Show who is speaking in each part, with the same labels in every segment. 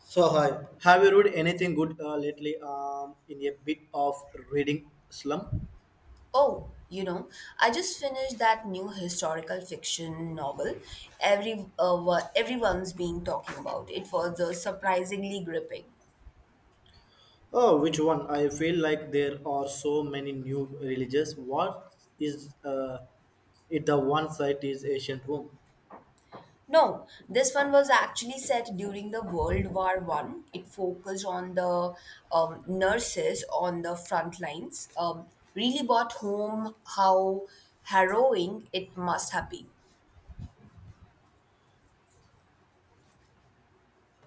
Speaker 1: So hi, have you read anything good lately? In a bit of reading slum.
Speaker 2: Oh, you know, I just finished that new historical fiction novel everyone's been talking about. It was surprisingly gripping.
Speaker 1: Oh, which one? I feel like there are so many new religions. What is it? The one site is ancient Rome.
Speaker 2: No, this one was actually set during the World War One. It focused on the nurses on the front lines. Really brought home how harrowing it must have been.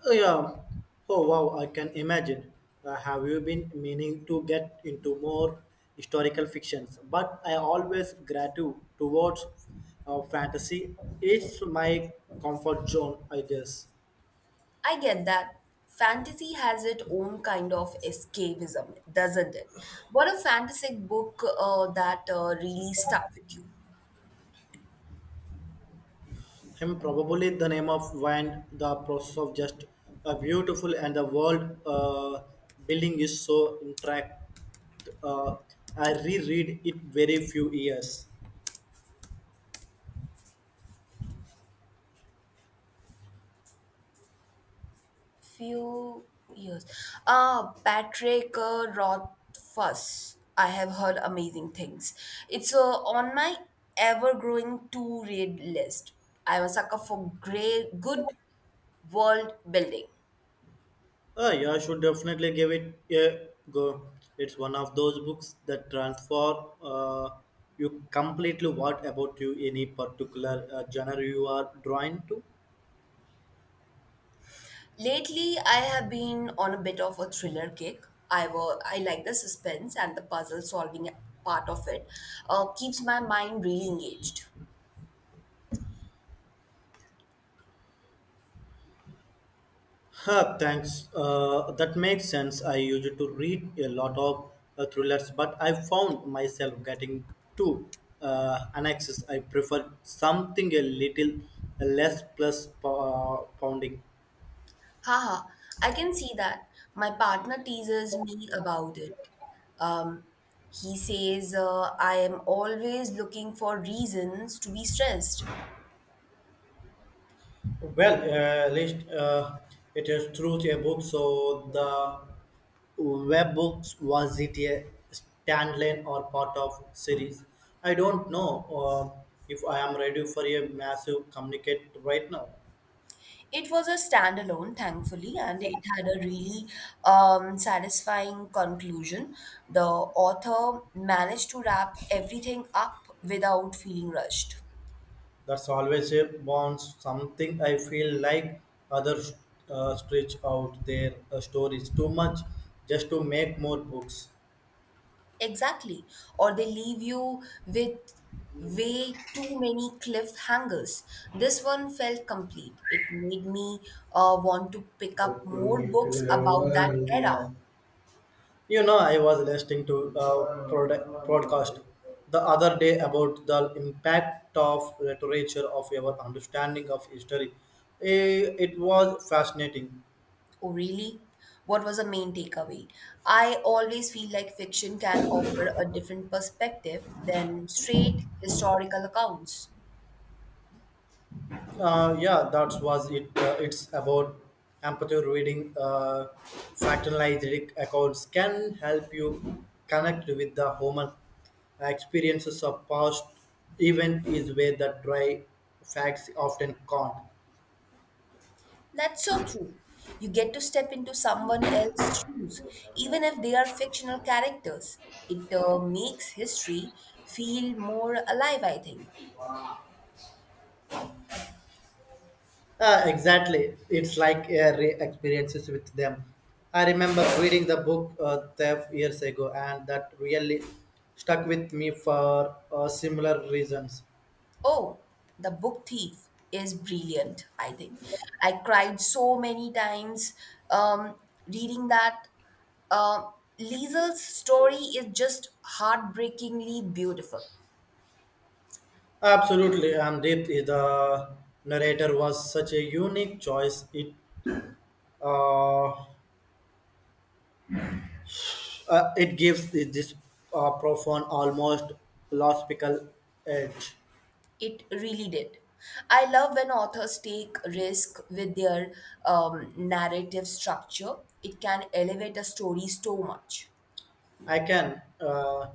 Speaker 1: Oh, yeah. Oh wow, I can imagine. Have you been meaning to get into more historical fictions? But I always gratitude towards fantasy. It's my comfort zone, I guess.
Speaker 2: I get that. Fantasy has its own kind of escapism, doesn't it? What a fantastic book that really stuck with you.
Speaker 1: Him probably the name of wine, the process of just beautiful and the world building is so intact. Uh, I reread it very few years.
Speaker 2: Few years. Patrick Rothfuss. I have heard amazing things. It's on my ever-growing to-read list. I'm a sucker for great, good world building.
Speaker 1: Yeah, I should definitely give it a go. It's one of those books that transform you completely. What about you? Any particular genre you are drawn to?
Speaker 2: Lately, I have been on a bit of a thriller kick. I like the suspense and the puzzle solving part of it. Keeps my mind really engaged.
Speaker 1: Huh, thanks. That makes sense. I used to read a lot of thrillers, but I found myself getting too annexes. I prefer something a little less plus pounding.
Speaker 2: Haha, I can see that. My partner teases me about it. Um, he says I am always looking for reasons to be stressed.
Speaker 1: Well, at least it is through a book, so the web books was it a standalone or part of series? I don't know if I am ready for a massive communicate right now.
Speaker 2: It was a standalone, thankfully, and it had a really satisfying conclusion. The author managed to wrap everything up without feeling rushed.
Speaker 1: That's always a bonus, something I feel like others stretch out their stories too much just to make more books.
Speaker 2: Exactly. Or they leave you with way too many cliffhangers. This one felt complete. It made me want to pick up more books
Speaker 1: You
Speaker 2: about that era.
Speaker 1: know, I was listening to a podcast the other day about the impact of literature of our understanding of history. It was fascinating.
Speaker 2: Oh, really? What was the main takeaway? I always feel like fiction can offer a different perspective than straight historical accounts.
Speaker 1: Yeah, that was it. It's about empathy reading. Factualized accounts can help you connect with the human experiences of past event is where the dry facts often can't.
Speaker 2: That's so true. You get to step into someone else's shoes, even if they are fictional characters. It makes history feel more alive, I think.
Speaker 1: Exactly, it's like experiences with them. I remember reading the book Theft years ago, and that really stuck with me for similar reasons.
Speaker 2: Oh, The Book Thief is brilliant, I think. I cried so many times um, reading that. Um Liesel's story is just heartbreakingly beautiful.
Speaker 1: Absolutely, and Deep, the narrator was such a unique choice. It uh, it gives this profound, almost philosophical edge.
Speaker 2: It really did. I love when authors take risk with their narrative structure. It can elevate a story so much.
Speaker 1: I can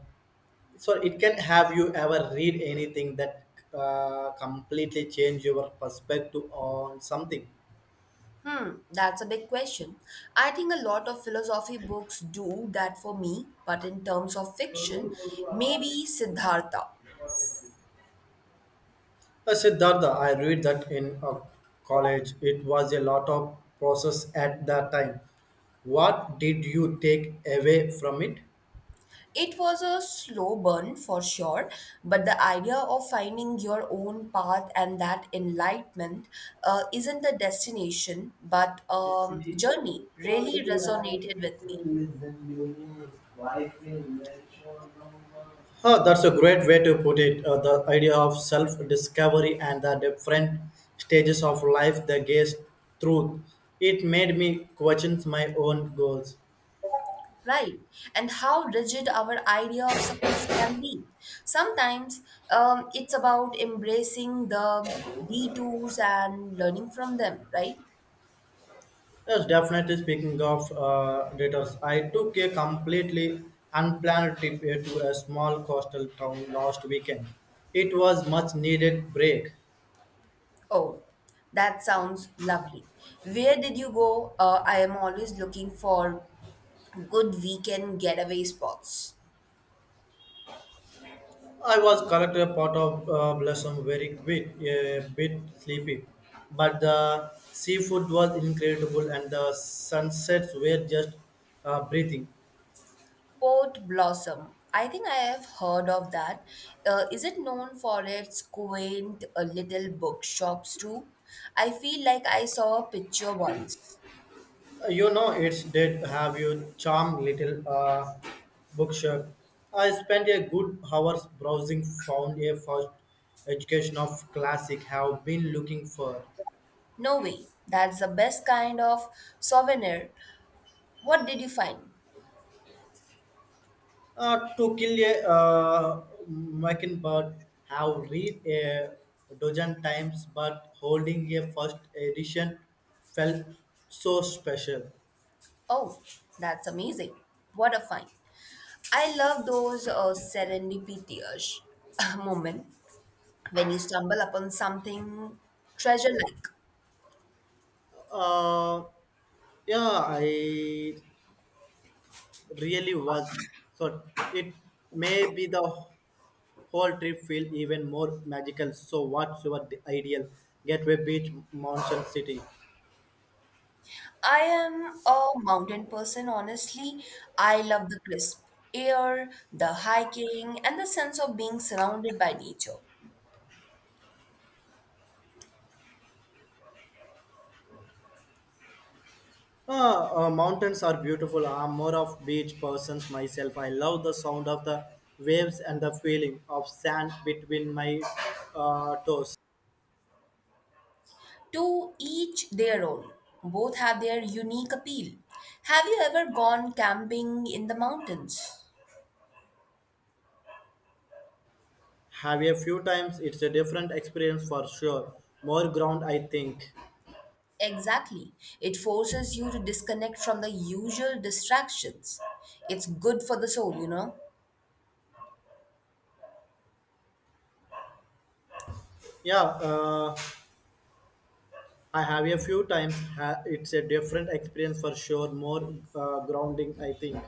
Speaker 1: so it can have you ever read anything that completely change your perspective on something.
Speaker 2: Hmm, that's a big question. I think a lot of philosophy books do that for me, but in terms of fiction, maybe Siddhartha.
Speaker 1: Siddhartha, I read that in college. It was a lot of process at that time. What did you take away from it?
Speaker 2: It was a slow burn for sure, but the idea of finding your own path and that enlightenment isn't a destination but
Speaker 1: It's an equal
Speaker 2: journey
Speaker 1: story,
Speaker 2: really
Speaker 1: is
Speaker 2: resonated with
Speaker 1: a
Speaker 2: me.
Speaker 1: lesson, you know, life is no. Oh, that's a great way to put it. The idea of self discovery and the different stages of life they gaze through. It made me question my own goals.
Speaker 2: Right. And how rigid our idea of success can be sometimes. It's about embracing the detours and learning from them, right?
Speaker 1: Yes, definitely speaking of datas, I took a completely unplanned trip here to a small coastal town last weekend. It was much needed break.
Speaker 2: Oh, that sounds lovely. Where did you go? I am always looking for good weekend getaway spots.
Speaker 1: I was correct a part of blossom very quick, a bit sleepy, but the seafood was incredible and the sunsets were just breathing.
Speaker 2: Port Blossom. I think I have heard of that. Is it known for its quaint little bookshops too? I feel like I saw a picture once.
Speaker 1: You know, it's did have you charm little bookshop. I spent a good hours browsing, found a first education of classic have been looking for.
Speaker 2: No way. That's the best kind of souvenir. What did you find?
Speaker 1: To kill a mockingbird have read a dozen times, but holding a first edition felt so special.
Speaker 2: Oh, that's amazing. What a find. I love those serendipitous moment when you stumble upon something treasure like.
Speaker 1: Uh, yeah, I really was. So it may be the whole trip feel even more magical. So what's your ideal gateway beach, mountain city?
Speaker 2: I am a mountain person, honestly. I love the crisp air, the hiking, and the sense of being surrounded by nature.
Speaker 1: Mountains are beautiful. I'm more of beach persons myself. I love the sound of the waves and the feeling of sand between my toes.
Speaker 2: To each their own. Both have their unique appeal. Have you ever gone camping in the mountains?
Speaker 1: Have a few times. It's a different experience for sure. More ground, I think.
Speaker 2: Exactly. It forces you to disconnect from the usual distractions. It's good for the soul, you know.
Speaker 1: Yeah, uh, I have a few times. It's a different experience for sure. More grounding, I think.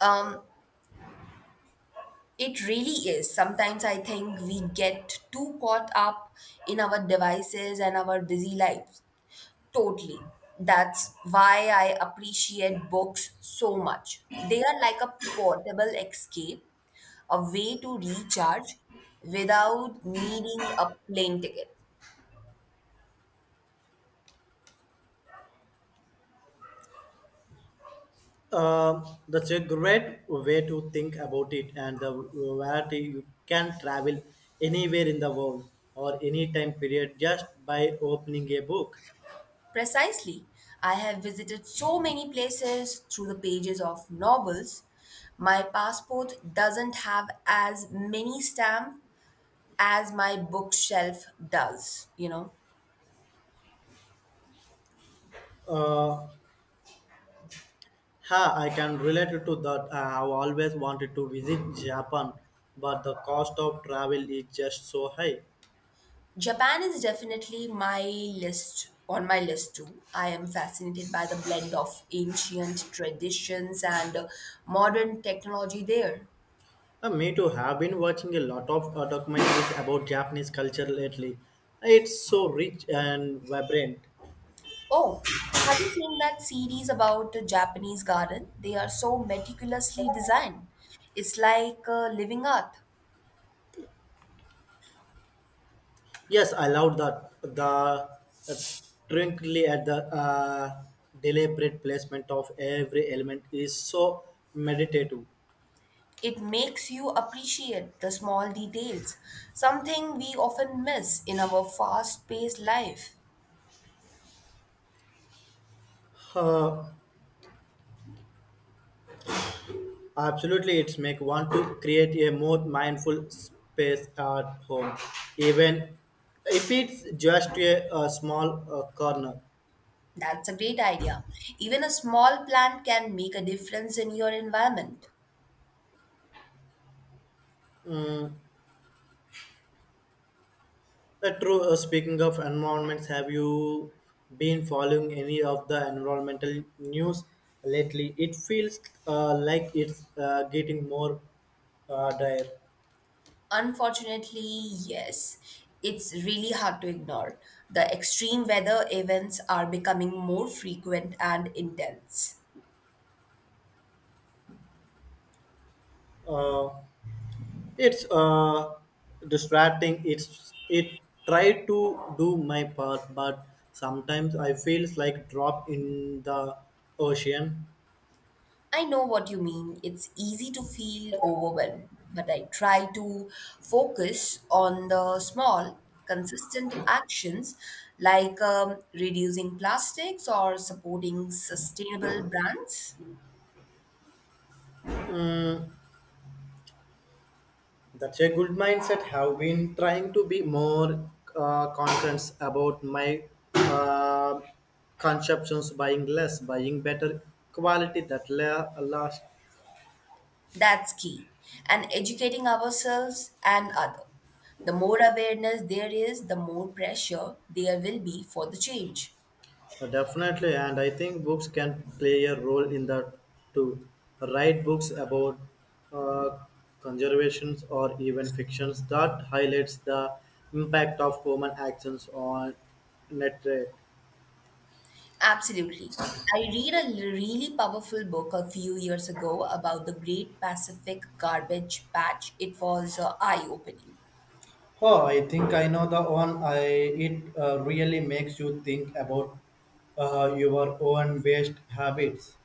Speaker 2: Um, It really is. Sometimes I think we get too caught up in our devices and our busy lives. Totally. That's why I appreciate books so much. They are like a portable escape, a way to recharge without needing a plane ticket.
Speaker 1: Um, that's a great way to think about it, and the variety you can travel anywhere in the world or any time period just by opening a book.
Speaker 2: Precisely. I have visited so many places through the pages of novels. My passport doesn't have as many stamps as my bookshelf does, you know.
Speaker 1: Uh, Ha, I can relate to that. I have always wanted to visit Japan, but the cost of travel is just so high.
Speaker 2: Japan is definitely my list on my list too. I am fascinated by the blend of ancient traditions and modern technology there.
Speaker 1: Me too. Have been watching a lot of documentaries about Japanese culture lately. It's so rich and vibrant.
Speaker 2: Oh, have you seen that series about the Japanese garden? They are so meticulously designed. It's like living art.
Speaker 1: Yes, I love that. The uh, twinkly at the deliberate placement of every element is so meditative.
Speaker 2: It makes you appreciate the small details, something we often miss in our fast-paced life.
Speaker 1: Uh, Absolutely, it's make one to create a more mindful space at home, even if it's just a small corner.
Speaker 2: That's a great idea. Even a small plant can make a difference in your environment.
Speaker 1: Mm, true. Speaking of environments, have you been following any of the environmental news lately? It feels like it's getting more dire.
Speaker 2: Unfortunately, yes, it's really hard to ignore. The extreme weather events are becoming more frequent and intense.
Speaker 1: Uh, it's distracting. It's it try to do my part, but sometimes I feels like drop in the ocean.
Speaker 2: I know what you mean. It's easy to feel overwhelmed, but I try to focus on the small, consistent actions like reducing plastics or supporting sustainable brands.
Speaker 1: Mm, that's a good mindset. Have been trying to be more conscious about my uh, consumptions, buying less, buying better quality that last.
Speaker 2: That's key. And educating ourselves and others. The more awareness there is, the more pressure there will be for the change.
Speaker 1: Definitely. And I think books can play a role in that too. Write books about uh, conservations or even fictions that highlights the impact of human actions on nature.
Speaker 2: Absolutely. I read a really powerful book a few years ago about the Great Pacific Garbage Patch. It was eye opening.
Speaker 1: Oh, I think I know the one. I it really makes you think about your own waste habits.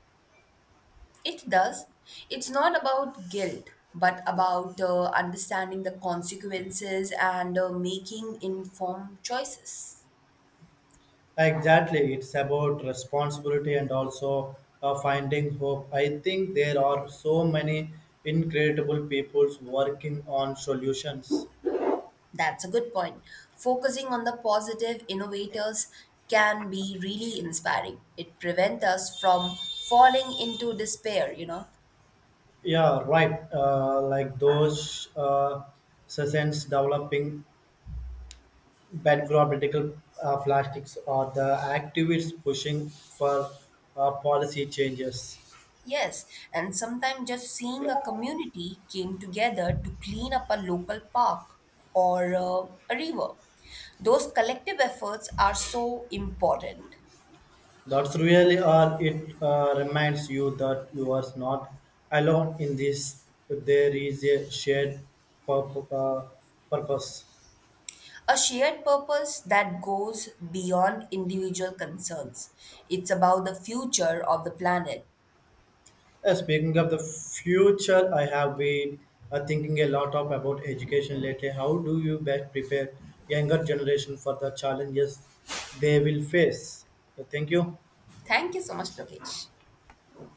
Speaker 2: It does. It's not about guilt, but about understanding the consequences and making informed choices.
Speaker 1: Exactly, it's about responsibility and also finding hope. I think there are so many incredible peoples working on solutions.
Speaker 2: That's a good point. Focusing on the positive innovators can be really inspiring. It prevents us from falling into despair, you know.
Speaker 1: Yeah, right. Like those sessions developing background political plastics or the activists pushing for policy changes.
Speaker 2: Yes, and sometimes just seeing a community came together to clean up a local park or a river. Those collective efforts are so important.
Speaker 1: That's really all. It reminds you that you are not alone in this. There is a shared pur- uh, purpose.
Speaker 2: A shared purpose that goes beyond individual concerns. It's about the future of the planet.
Speaker 1: Speaking of the future, I have been thinking a lot of about education lately. How do you best prepare younger generation for the challenges they will face? So thank you.
Speaker 2: Thank you so much, Lokesh.